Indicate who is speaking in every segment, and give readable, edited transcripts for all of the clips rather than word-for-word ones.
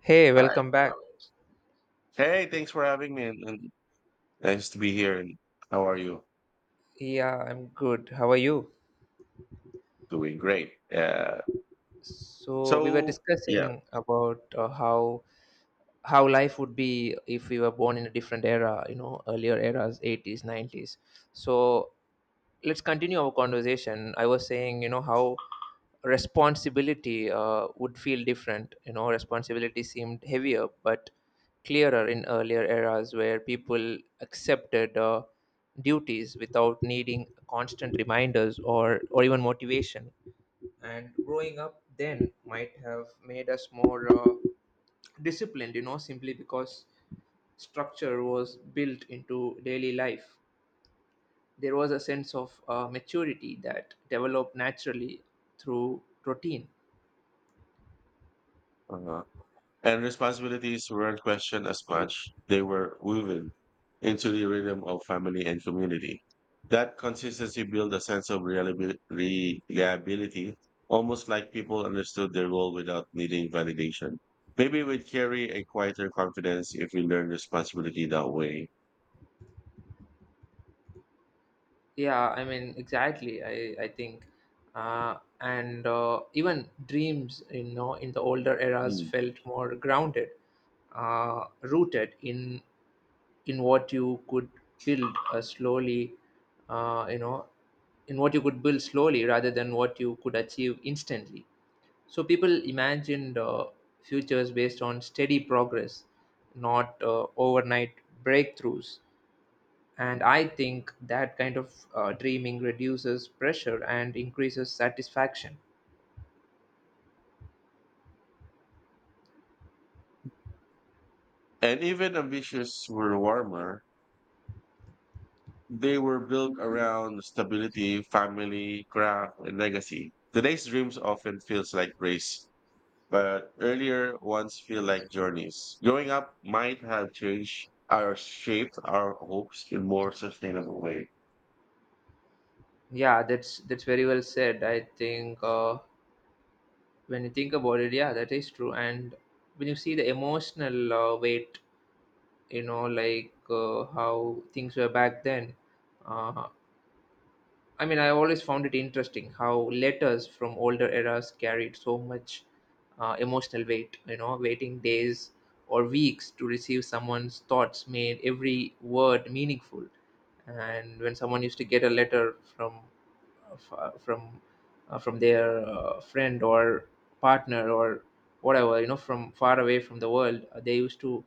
Speaker 1: Hey,
Speaker 2: All right.
Speaker 1: welcome back.
Speaker 2: Hey, thanks for having me, and nice to be here. And how are you?
Speaker 1: Yeah, I'm good. How are you?
Speaker 2: Doing great. Yeah.
Speaker 1: So we were
Speaker 2: So yeah.
Speaker 1: discussing about how life would be if we were born in a different era, you know, earlier eras, 80s, 90s. So let's continue our conversation. I was saying, you know, how responsibility would feel different. You know, responsibility seemed heavier but clearer in earlier eras where people accepted duties without needing constant reminders or even motivation. And growing up then might have made us more disciplined, you know, simply because structure was built into daily life. There was a sense of maturity that developed naturally through routine.
Speaker 2: Uh-huh. And responsibilities weren't questioned as much; they were woven into the rhythm of family and community. That consistency built a sense of reliability, almost like people understood their role without needing validation. Maybe we'd carry a quieter confidence if we learned responsibility that way.
Speaker 1: Yeah, I mean, exactly. I think, and even dreams, you know, in the older eras
Speaker 2: Mm.
Speaker 1: felt more grounded, rooted in what you could build slowly, uh, you know in what you could build slowly rather than what you could achieve instantly. So people imagined futures based on steady progress, not overnight breakthroughs. And I think that kind of dreaming reduces pressure and increases satisfaction.
Speaker 2: And even ambitious were warmer. They were built around stability, family, craft, and legacy. Today's dreams often feels like race, but earlier ones feel like journeys. Growing up might have changed our shaped our hopes in more sustainable way.
Speaker 1: Yeah, that's very well said. I think, when you think about it, yeah, that is true. And when you see the emotional weight, you know, like how things were back then, uh, I mean, I always found it interesting how letters from older eras carried so much emotional weight. You know, waiting days or weeks to receive someone's thoughts made every word meaningful. And when someone used to get a letter from f- uh, from their friend or partner or whatever, you know, from far away from the world, they used to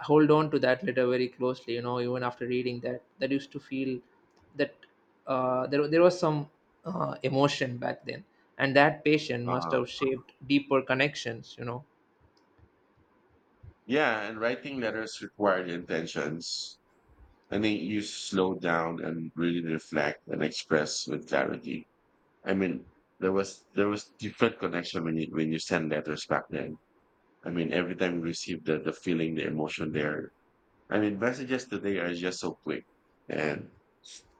Speaker 1: hold on to that letter very closely, you know. Even after reading that used to feel that there was some emotion back then, and that patient must
Speaker 2: Huh.
Speaker 1: have shaped deeper connections, you know.
Speaker 2: Yeah, and writing letters required intentions. I think you slow down and really reflect and express with clarity. I mean, there was different connection when you send letters back then. I mean, every time we receive the feeling, the emotion there. I mean, messages today are just so quick. And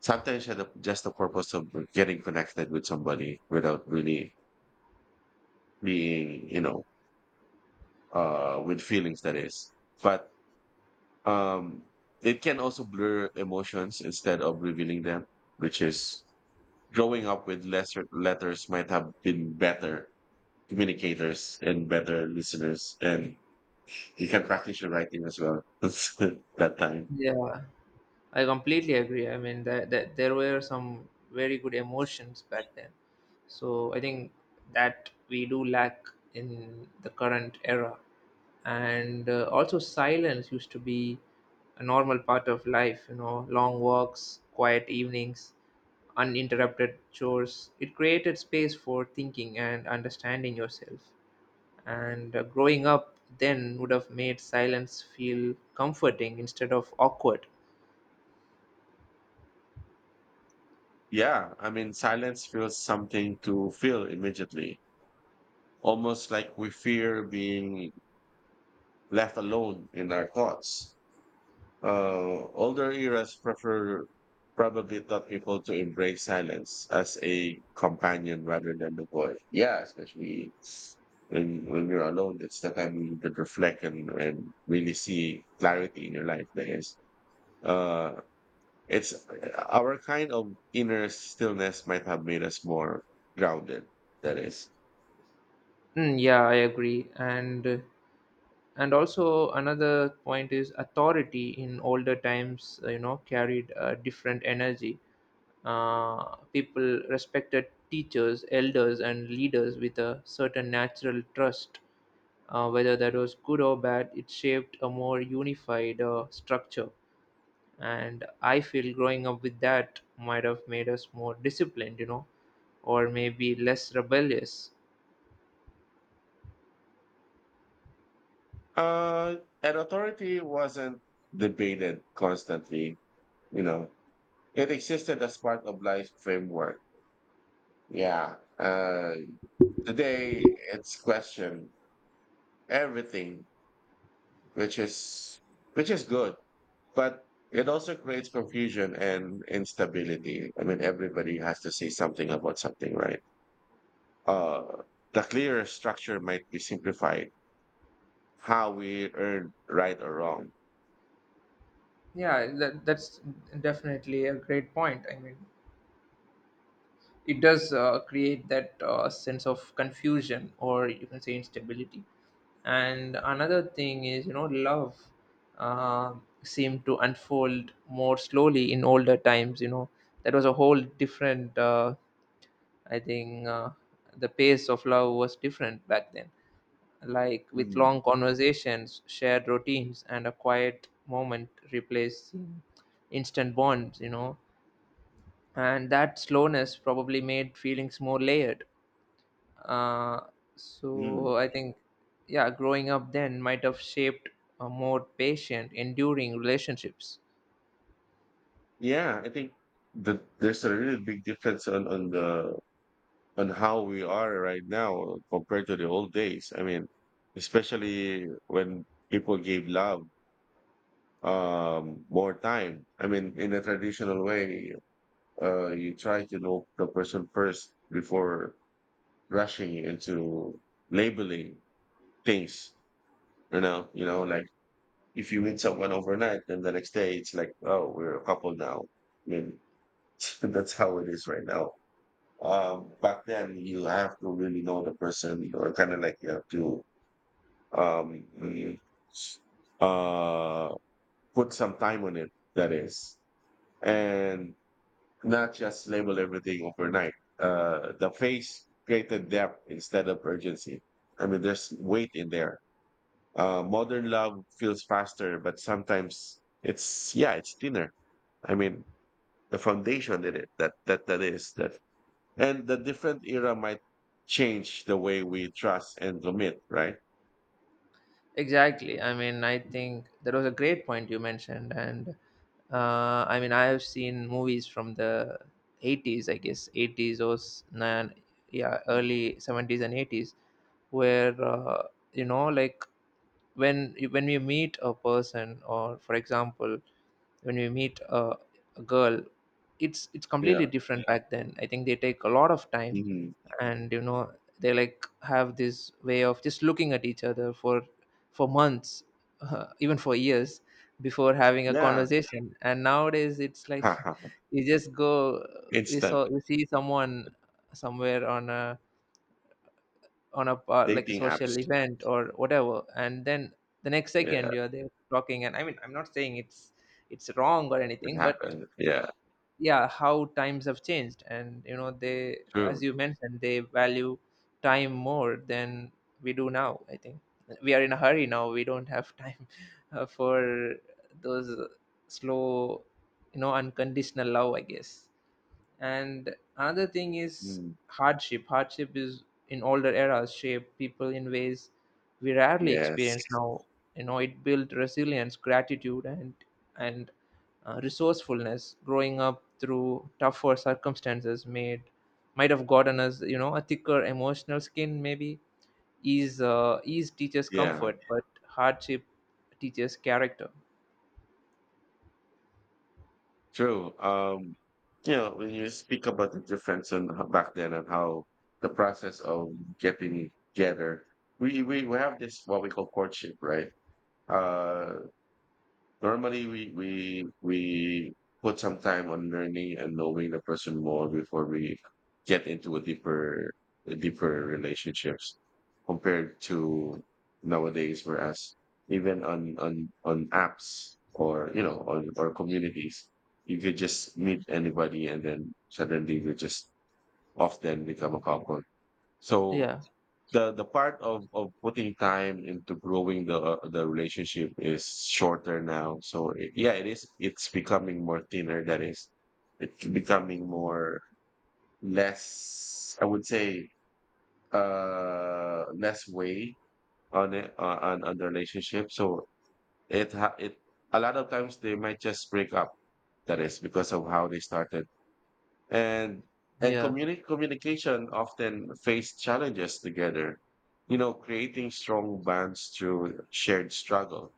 Speaker 2: sometimes had just the purpose of getting connected with somebody without really being, with feelings that is. But um, it can also blur emotions instead of revealing them, which is growing up with lesser letters might have been better communicators and better listeners. And you can practice your writing as well that time.
Speaker 1: Yeah, I completely agree. I mean, that there were some very good emotions back then. So I think that we do lack in the current era. And also silence used to be a normal part of life, you know, long walks, quiet evenings, uninterrupted chores. It created space for thinking and understanding yourself. And growing up then would have made silence feel comforting instead of awkward.
Speaker 2: Yeah, I mean, silence feels something to feel immediately, almost like we fear being left alone in our thoughts. Older eras prefer probably taught people to embrace silence as a companion rather than the void. Yeah, especially when you're alone, it's the time you could reflect and really see clarity in your life. That is, uh, it's our kind of inner stillness might have made us more grounded. That is,
Speaker 1: Mm, yeah, I agree. And also another point is authority in older times, you know, carried a different energy. People respected teachers, elders, and leaders with a certain natural trust. Whether that was good or bad, it shaped a more unified structure. And I feel growing up with that might have made us more disciplined, you know, or maybe less rebellious.
Speaker 2: uh, and authority wasn't debated constantly. You know, it existed as part of life framework. Yeah. Today it's question everything, which is which is good, but it also creates confusion and instability. I mean, everybody has to say something about something, right? Uh, the clearer structure might be simplified. How we earn right or wrong.
Speaker 1: Yeah, that's definitely a great point. I mean, it does create that sense of confusion, or you can say instability. And another thing is, you know, love uh, seemed to unfold more slowly in older times. You know, that was a whole different, I think, uh, the pace of love was different back then, like with
Speaker 2: Mm,
Speaker 1: long conversations, shared routines, and a quiet moment replacing instant bonds, you know. And that slowness probably made feelings more layered. Uh,
Speaker 2: mm.
Speaker 1: so I think, yeah, growing up then might have shaped a more patient, enduring relationships.
Speaker 2: Yeah, I think there's a really big difference on the on how we are right now compared to the old days. I mean, especially when people gave love more time. I mean, in a traditional way, you try to know the person first before rushing into labeling things. You know, like if you meet someone overnight, then the next day it's like, oh, we're a couple now. I mean, that's how it is right now. Back then you have to really know the person or kind of like you have to um, uh, put some time on it, that is, and not just label everything overnight. The phase created depth instead of urgency. I mean, there's weight in there. Modern love feels faster, but sometimes it's, yeah, it's thinner. I mean, the foundation in it, that is that. And the different era might change the way we trust and commit, right?
Speaker 1: Exactly. I mean, I think that was a great point you mentioned. And I mean, I have seen movies from the '80s, I guess '80s or yeah, early '70s and '80s, where you know, like when we meet a person, or for example, when we meet a girl, it's
Speaker 2: Yeah.
Speaker 1: completely different back then. I think they take a lot of time,
Speaker 2: Mhm.
Speaker 1: and you know, they like have this way of just looking at each other for months even for years before having a
Speaker 2: Yeah.
Speaker 1: conversation. And nowadays it's like you just go,
Speaker 2: Instant
Speaker 1: you see someone somewhere on a like a
Speaker 2: dating
Speaker 1: social
Speaker 2: apps.
Speaker 1: event or whatever, and then the next
Speaker 2: Yeah,
Speaker 1: second you're there talking. And I mean, I'm not saying it's wrong or
Speaker 2: it
Speaker 1: anything, but
Speaker 2: happened. Yeah,
Speaker 1: yeah, how times have changed. And you know, they, as
Speaker 2: true.
Speaker 1: you mentioned, they value time more than we do now. I think we are in a hurry now, we don't have time for those slow, you know, unconditional love, I guess. And another thing is,
Speaker 2: Mm,
Speaker 1: hardship is in older eras shaped people in ways we rarely experience
Speaker 2: yes.
Speaker 1: now. You know, it built resilience, gratitude, and and resourcefulness. Growing up through tougher circumstances made, might have gotten us, you know, a thicker emotional skin. Maybe ease, ease teaches
Speaker 2: Yeah,
Speaker 1: comfort, but hardship teaches character.
Speaker 2: true. You know, when you speak about the difference and how back then and how the process of getting together, we have this what we call courtship, right? Uh, Normally, we put some time on learning and knowing the person more before we get into a deeper relationships compared to nowadays, whereas even on apps or you know on or communities, you could just meet anybody and then suddenly you just often become a couple. So
Speaker 1: Yeah,
Speaker 2: the part of putting time into growing the relationship is shorter now. So it, yeah, it is. It's becoming more thinner. That is, it's becoming more less. I would say less weight on it on the relationship. So it a lot of times they might just break up. That is because of how they started and
Speaker 1: yeah,
Speaker 2: communication often face challenges together, you know, creating strong bonds through shared struggle.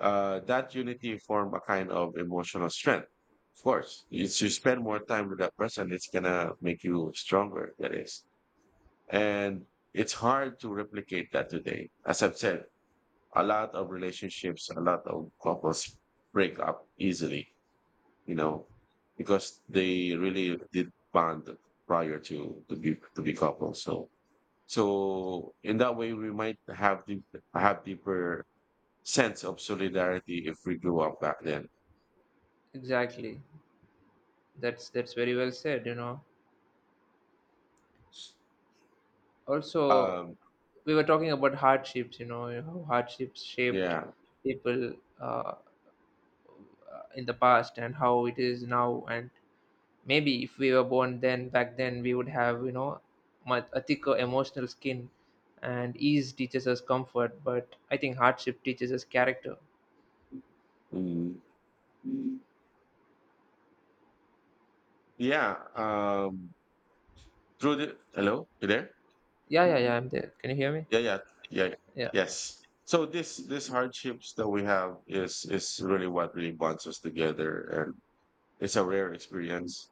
Speaker 2: That unity form a kind of emotional strength. Of course if you spend more time with that person it's gonna make you stronger, that is, and it's hard to replicate that today. As I've said, a lot of relationships, a lot of couples break up easily, you know, because they really did bond prior to to be couples. So in that way, we might have deeper sense of solidarity if we grew up back then.
Speaker 1: exactly. That's very well said, you know. Also,
Speaker 2: Um,
Speaker 1: we were talking about hardships, you know, how hardships shaped
Speaker 2: yeah,
Speaker 1: people uh, in the past and how it is now. And maybe if we were born then, back then, we would have, you know, much a thicker emotional skin. And ease teaches us comfort, but I think hardship teaches us character.
Speaker 2: mm, yeah. Through the hello, you there?
Speaker 1: Yeah, yeah, yeah, I'm there. Can you hear me?
Speaker 2: Yeah, yeah, yeah, yeah.
Speaker 1: Yeah,
Speaker 2: Yes. So this hardships that we have is really what really bonds us together, and it's a rare experience.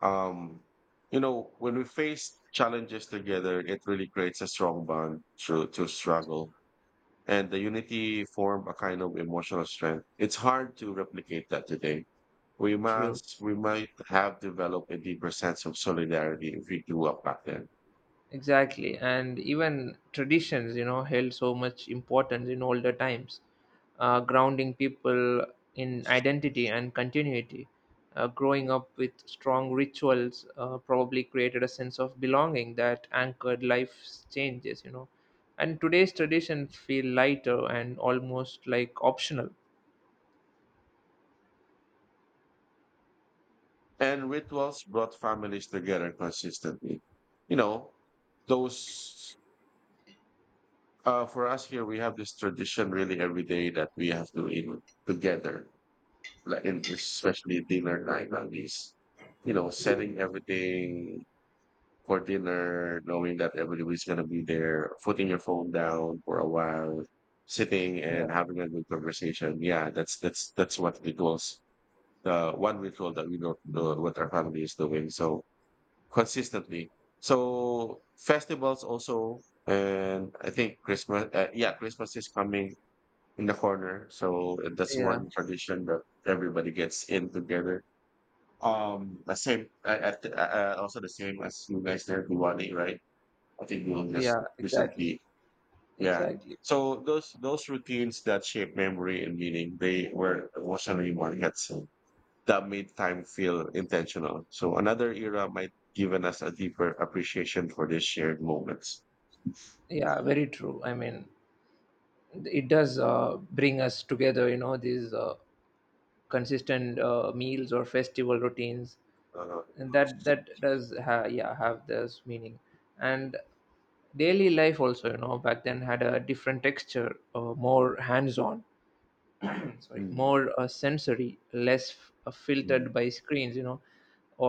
Speaker 2: Um, you know, when we face challenges together, it really creates a strong bond through to struggle. And the unity form a kind of emotional strength. It's hard to replicate that today.
Speaker 1: true.
Speaker 2: We might have developed a deeper sense of solidarity if we grew up back then.
Speaker 1: Exactly, and even traditions, you know, held so much importance in older times, grounding people in identity and continuity. Growing up with strong rituals probably created a sense of belonging that anchored life's changes, you know. And today's traditions feel lighter and almost like optional.
Speaker 2: And rituals brought families together consistently. You know, those for us here, we have this tradition really every day that we have to eat together, like in especially dinner night at least, you know, setting everything for dinner, knowing that everybody's gonna be there, putting your phone down for a while, sitting
Speaker 1: Yeah,
Speaker 2: and having a good conversation. Yeah, that's that's what rituals. The one ritual that we know what our family is doing so consistently. So festivals also, and I think Christmas. Yeah, Christmas is coming in the corner, so that's
Speaker 1: yeah,
Speaker 2: one tradition that everybody gets in together, the same, also the same as you guys there at Diwali, right? I think we you just
Speaker 1: yeah, exactly,
Speaker 2: recently, yeah.
Speaker 1: exactly.
Speaker 2: So those routines that shape memory and meaning, they were emotionally markets that made time feel intentional. So another era might given us a deeper appreciation for these shared moments.
Speaker 1: Yeah, very true. I mean, it does bring us together, you know, these consistent meals or festival routines,
Speaker 2: Uh,
Speaker 1: and yeah, have this meaning. And daily life also, you know, back then had a different texture, more hands on, sorry,
Speaker 2: mm,
Speaker 1: more sensory, less filtered
Speaker 2: mm,
Speaker 1: by screens, you know,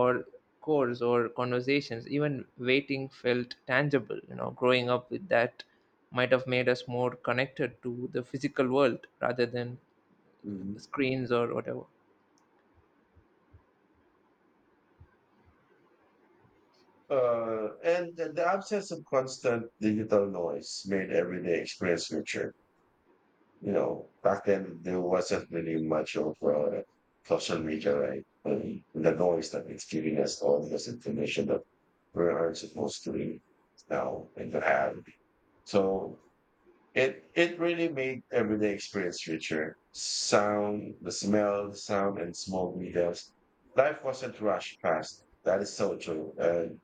Speaker 1: or chores or conversations. Even waiting felt tangible, you know. Growing up with that might have made us more connected to the physical world rather than
Speaker 2: mm.
Speaker 1: screens or whatever.
Speaker 2: And the absence of constant digital noise made everyday experience richer. You know, back then there wasn't really much of social media, right? And the noise that it's giving us all this information that we aren't supposed to read now and to have. So it really made everyday experience richer. Sound, the smell, sound, and small details. Life wasn't rushed past. That is so true. And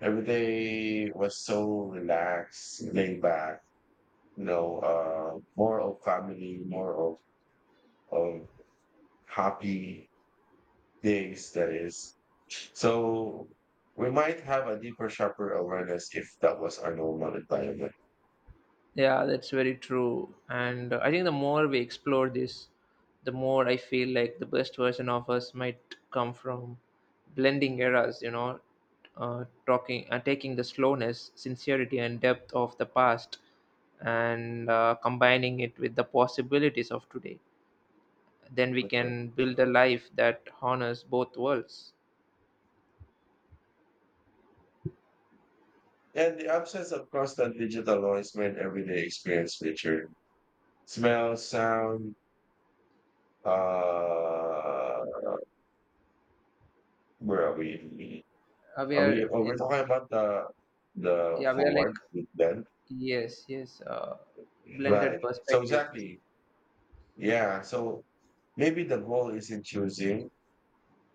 Speaker 2: every day was so relaxed, laid back. You know, more of family, more of of happy days that is. So we might have a deeper, sharper awareness if that was our normal environment.
Speaker 1: Yeah, that's very true. And I think the more we explore this, the more I feel like the best version of us might come from blending eras, you know, taking the slowness, sincerity, and depth of the past and combining it with the possibilities of today. Then we
Speaker 2: Mhm.
Speaker 1: can build a life that honors both worlds.
Speaker 2: And the absence of constant digital noise made everyday experience richer. Smell, sound, uh, where are we?
Speaker 1: Uh, we
Speaker 2: Are we,
Speaker 1: are
Speaker 2: oh, we're
Speaker 1: in,
Speaker 2: talking about the
Speaker 1: yeah, we are like,
Speaker 2: forward with them?
Speaker 1: yes, yes,
Speaker 2: Right.
Speaker 1: blended
Speaker 2: So
Speaker 1: perspective.
Speaker 2: exactly. Yeah. So maybe the goal isn't choosing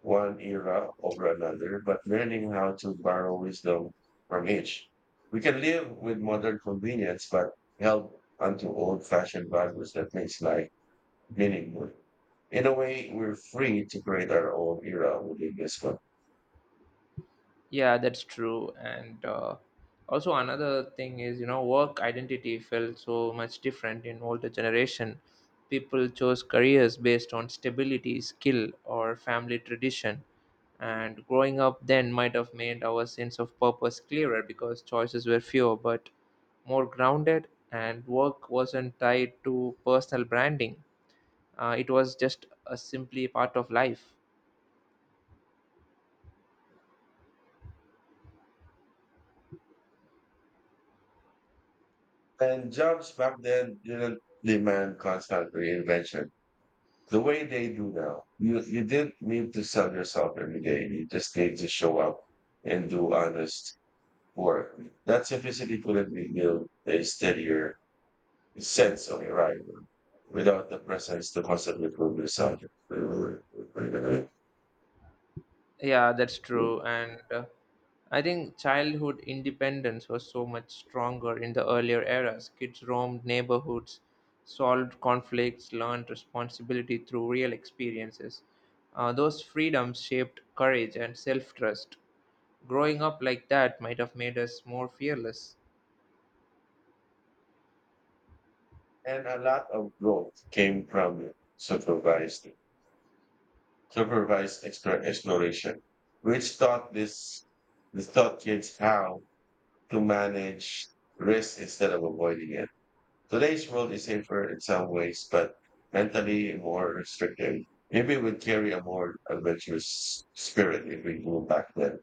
Speaker 2: one era over another, but learning how to borrow wisdom from each. We can live with modern convenience, but held onto old-fashioned values that makes life meaningful. In a way, we're free to create our own era within this one.
Speaker 1: Yeah, that's true. And also another thing is, you know, work identity felt so much different in older generation. People chose careers based on stability, skill, or family tradition. And growing up then might have made our sense of purpose clearer because choices were fewer but more grounded, and work wasn't tied to personal branding. It was just a simply part of life.
Speaker 2: And jobs back then didn't demand constant reinvention the way they do now. You didn't need to sell yourself every day. You just need to show up and do honest. Or that simplicity couldn't be built a steadier sense of arrival without the presence to constantly prove yourself. And
Speaker 1: Yeah, that's true. And I think childhood independence was so much stronger in the earlier eras. Kids roamed neighborhoods, solved conflicts, learned responsibility through real experiences. Those freedoms shaped courage and self trust. Growing up like that might have made us more fearless.
Speaker 2: a lot of growth came from supervised exploration, which taught this this taught kids how to manage risk instead of avoiding it. Today's world is safer in some ways, but mentally more restrictive. Maybe we'd carry a more adventurous spirit if we go back then.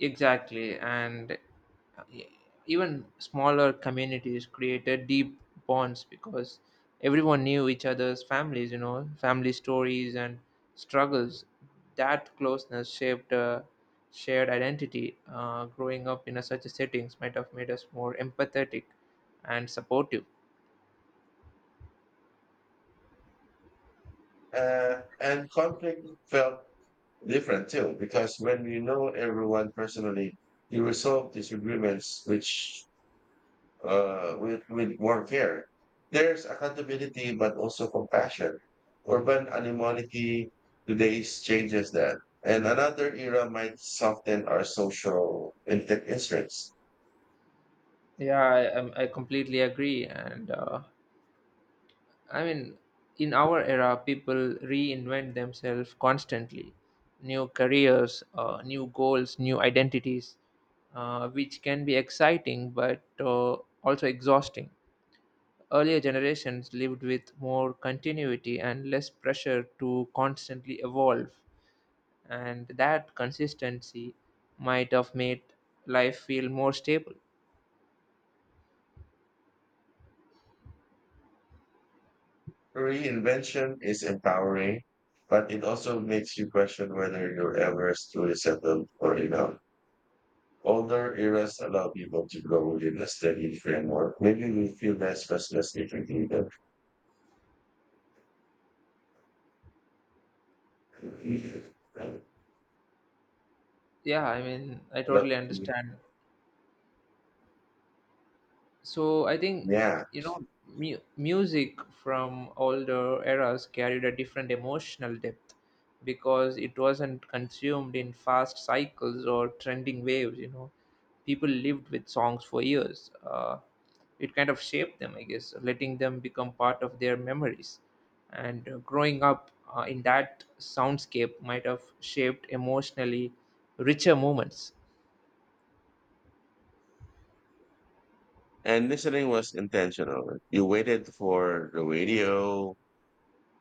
Speaker 1: Exactly, and e- even smaller communities created deep bonds, because everyone knew each other's families, you know, family stories and struggles. That closeness shaped a shared identity. Growing up in a, such a settings, might have made us more empathetic and supportive.
Speaker 2: And conflict felt different too, because when you know everyone personally, you resolve disagreements, which with more care. There's accountability, but also compassion. Urban animality today changes that. And another era might soften our social instruments.
Speaker 1: Yeah, I completely agree. And I mean, in our era, people reinvent themselves constantly. New careers, new goals, new identities, which can be exciting but also exhausting. Earlier generations lived with more continuity and less pressure to constantly evolve, and that consistency might have made life feel more stable.
Speaker 2: Reinvention is empowering, but it also makes you question whether you're ever truly settled or enough. Older eras allow people to grow within a steady framework. Maybe we feel less restless if we do that.
Speaker 1: Yeah, I mean, I
Speaker 2: Hello?
Speaker 1: totally understand. So I think,
Speaker 2: Yeah.
Speaker 1: you know, music from older eras carried a different emotional depth because it wasn't consumed in fast cycles or trending waves. You know, people lived with songs for years. It kind of shaped them, I guess, letting them become part of their memories. And growing up in that soundscape might have shaped emotionally richer moments.
Speaker 2: And listening was intentional. You waited for the radio,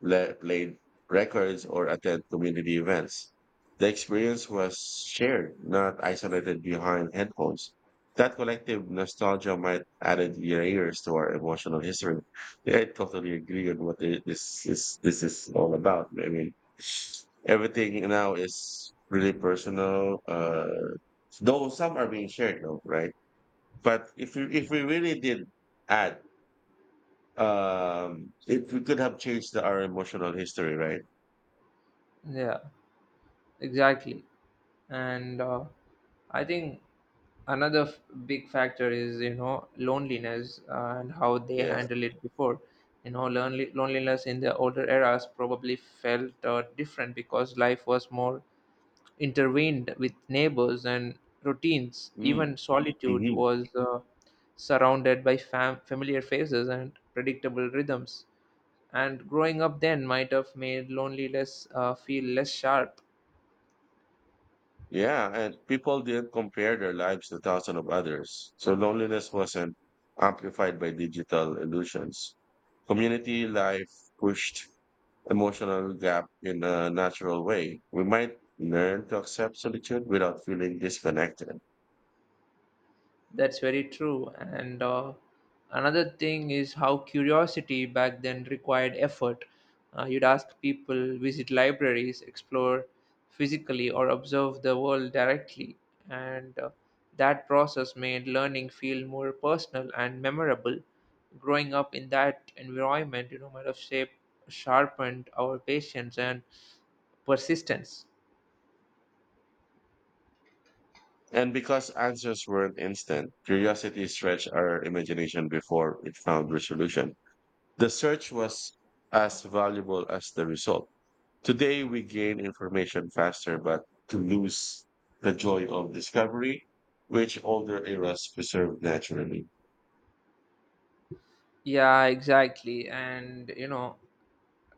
Speaker 2: played records, or attend community events. The experience was shared, not isolated behind headphones. That collective nostalgia might added layers to our emotional history. Yeah, I totally agree on this is. This is all about. I mean, everything now is really personal. Though some are being shared, though, right? But if we really did add, if we could have changed our emotional history, right?
Speaker 1: Yeah, exactly. And I think another big factor is, you know, loneliness and how they
Speaker 2: Yeah.
Speaker 1: handle it before. You know, loneliness in the older eras probably felt different, because life was more intervened with neighbors and routines.
Speaker 2: Mm,
Speaker 1: Even solitude
Speaker 2: hmm.
Speaker 1: was surrounded by familiar faces and predictable rhythms. And growing up then might have made loneliness feel less sharp.
Speaker 2: Yeah. And people did compare their lives to thousands of others. So loneliness wasn't amplified by digital illusions. Community life pushed emotional gap in a natural way. We might learn to accept solitude without feeling disconnected.
Speaker 1: That's very true. And another thing is how curiosity back then required effort. You'd ask people, visit libraries, explore physically, or observe the world directly. And that process made learning feel more personal and memorable. Growing up in that environment, you know, might have shaped, sharpened our patience and persistence.
Speaker 2: And because answers weren't instant, curiosity stretched our imagination before it found resolution. The search was as valuable as the result. Today, we gain information faster, but to lose the joy of discovery, which older eras preserve naturally.
Speaker 1: Yeah, exactly. And, you know,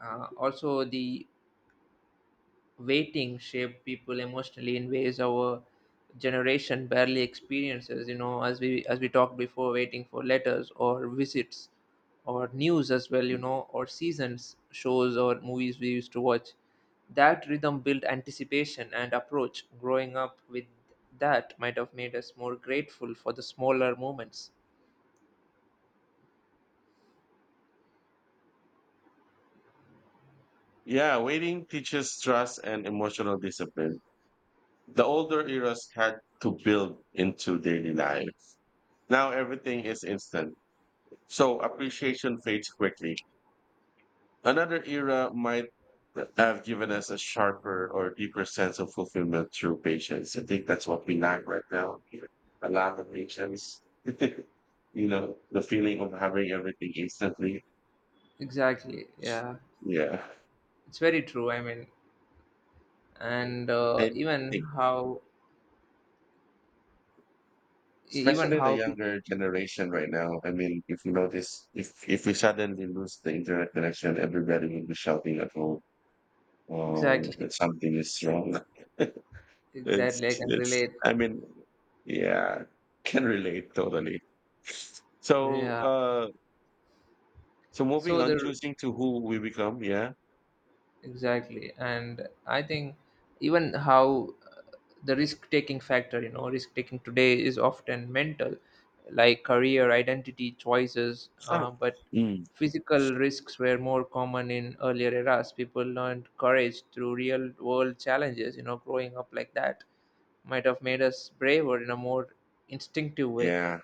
Speaker 1: also the waiting shaped people emotionally in ways our generation barely experiences, you know. As we talked before, waiting for letters or visits or news as well, you know, or seasons shows or movies we used to watch. That rhythm built anticipation and approach. Growing up with that might have made us more grateful for the smaller moments.
Speaker 2: Yeah, waiting teaches trust and emotional discipline. The older eras had to build into daily life. Now everything is instant, so appreciation fades quickly. Another era might have given us a sharper or deeper sense of fulfillment through patience. I think that's what we lack right now. A lack of patience. The feeling of having everything instantly.
Speaker 1: Exactly, yeah,
Speaker 2: Yeah.
Speaker 1: it's very true. I mean, and
Speaker 2: And I think,
Speaker 1: even
Speaker 2: especially the
Speaker 1: how
Speaker 2: younger generation right now. I mean, if you notice, if we suddenly lose the internet connection, everybody will be shouting at home, oh,
Speaker 1: exactly.
Speaker 2: that something is wrong. It's
Speaker 1: Exactly, I can
Speaker 2: it's
Speaker 1: relate.
Speaker 2: I mean, yeah, can relate totally. So,
Speaker 1: Yeah.
Speaker 2: uh, so moving
Speaker 1: So
Speaker 2: on,
Speaker 1: the
Speaker 2: choosing to who we become, yeah.
Speaker 1: exactly, and I think, even how the risk-taking factor, you know, risk-taking today is often mental, like career, identity, choices,
Speaker 2: Huh.
Speaker 1: but
Speaker 2: Mm,
Speaker 1: physical risks were more common in earlier eras. People learned courage through real-world challenges. You know, growing up like that might have made us braver in a more instinctive way.
Speaker 2: yeah,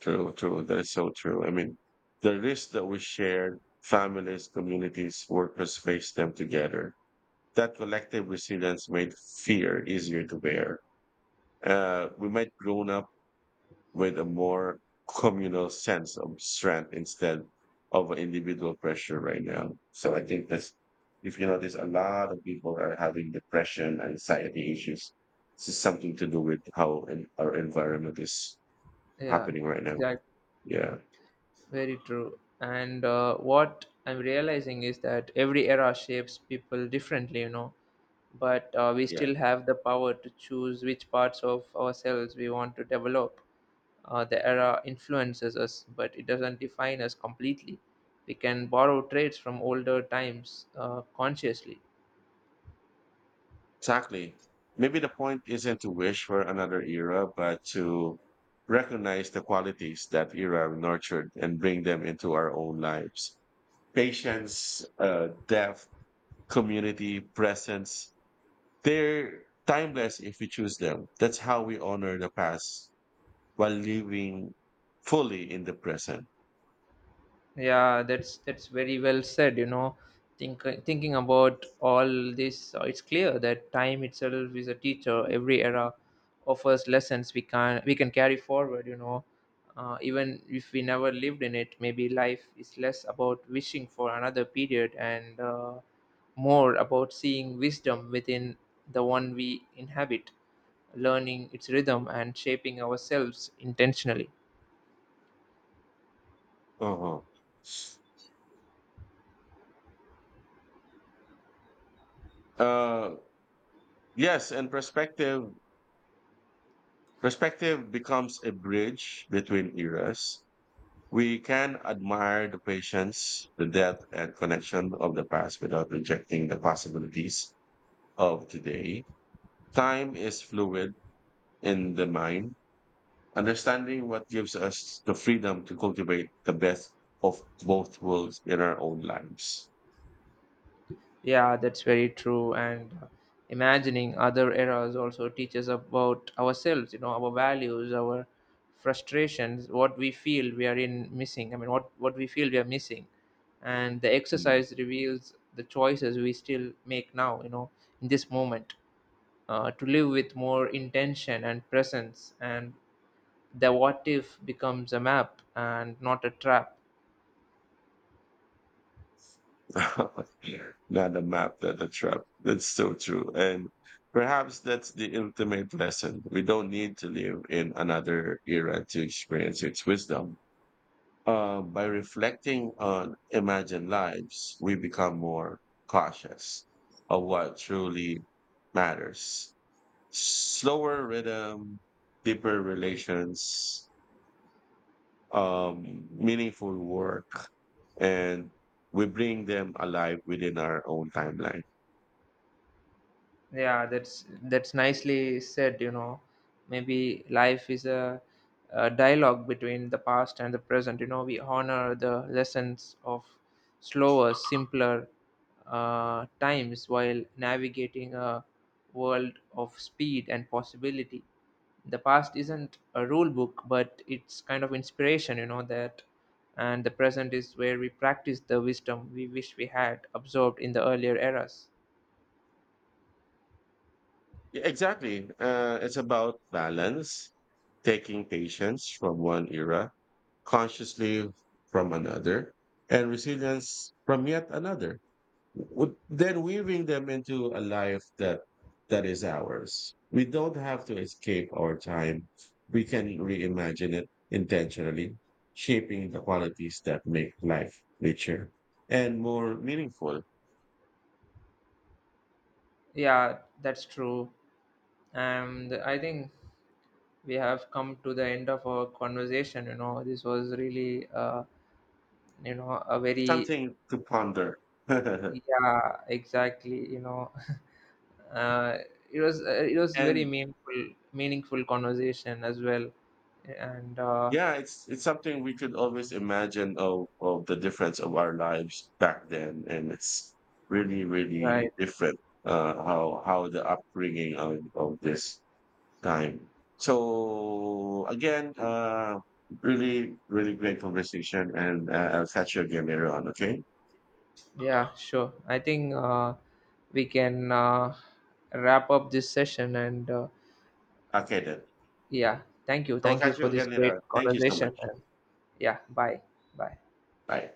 Speaker 2: true, true. That is so true. I mean, the risk that we shared, families, communities, workers face them together. That collective resilience made fear easier to bear. We might grown up with a more communal sense of strength instead of an individual pressure right now. So I think that's, if you notice, a lot of people are having depression, anxiety issues. This is something to do with how our environment is
Speaker 1: Yeah.
Speaker 2: happening right now.
Speaker 1: Exactly.
Speaker 2: Yeah.
Speaker 1: Very true. And what I'm realizing is that every era shapes people differently, you know, but we
Speaker 2: Yeah.
Speaker 1: still have the power to choose which parts of ourselves we want to develop. The era influences us, but it doesn't define us completely. We can borrow traits from older times consciously.
Speaker 2: Exactly. Maybe the point isn't to wish for another era, but to recognize the qualities that era nurtured and bring them into our own lives. Patience, depth, community, presence. They're timeless if we choose them. That's how we honor the past while living fully in the present.
Speaker 1: Yeah, that's very well said. You know, thinking about all this, it's clear that time itself is a teacher. Every era offers lessons we can carry forward. You know, even if we never lived in it, maybe life is less about wishing for another period and more about seeing wisdom within the one we inhabit, learning its rhythm and shaping ourselves intentionally.
Speaker 2: Uh-huh. Uh, yes, and perspective becomes a bridge between eras. We can admire the patience, the depth, and connection of the past without rejecting the possibilities of today. Time is fluid in the mind. Understanding what gives us the freedom to cultivate the best of both worlds in our own lives.
Speaker 1: Yeah, that's very true. And imagining other eras also teaches about ourselves, you know, our values, our frustrations, what we feel we are in missing. I mean, what we feel we are missing. And the
Speaker 2: Mm.
Speaker 1: exercise reveals the choices we still make now, you know, in this moment, to live with more intention and presence. And the what if becomes a map and not a trap.
Speaker 2: Not a map, not a trap. That's so true. And perhaps that's the ultimate lesson. We don't need to live in another era to experience its wisdom. By reflecting on imagined lives, we become more cautious of what truly matters, slower rhythm, deeper relations, meaningful work, and we bring them alive within our own timeline.
Speaker 1: Yeah, that's nicely said, you know. Maybe life is a dialogue between the past and the present. You know, we honor the lessons of slower, simpler times while navigating a world of speed and possibility. The past isn't a rule book, but it's kind of inspiration, you know, that and the present is where we practice the wisdom we wish we had absorbed in the earlier eras.
Speaker 2: Yeah, exactly. It's about balance, taking patience from one era, consciously from another, and resilience from yet another. Then weaving them into a life that is ours. We don't have to escape our time. We can reimagine it intentionally, shaping the qualities that make life richer and more meaningful.
Speaker 1: Yeah, that's true. And I think we have come to the end of our conversation, you know. This was really, you know, a very,
Speaker 2: Something to ponder.
Speaker 1: yeah, exactly, you know. uh, it was it was very
Speaker 2: and
Speaker 1: meaningful conversation as well. And
Speaker 2: Yeah, it's something we could always imagine of the difference of our lives back then. And it's really, really
Speaker 1: right,
Speaker 2: different, how the upbringing of this time. So again, really, really great conversation, and I'll catch you again later on. Okay.
Speaker 1: yeah, sure. I think we can wrap up this session. And
Speaker 2: Okay then.
Speaker 1: yeah, thank you,
Speaker 2: So I'll
Speaker 1: thank you
Speaker 2: catch
Speaker 1: for
Speaker 2: you
Speaker 1: this
Speaker 2: again
Speaker 1: great
Speaker 2: later on. Thank you so
Speaker 1: conversation.
Speaker 2: much.
Speaker 1: And yeah, bye. Bye.
Speaker 2: Bye.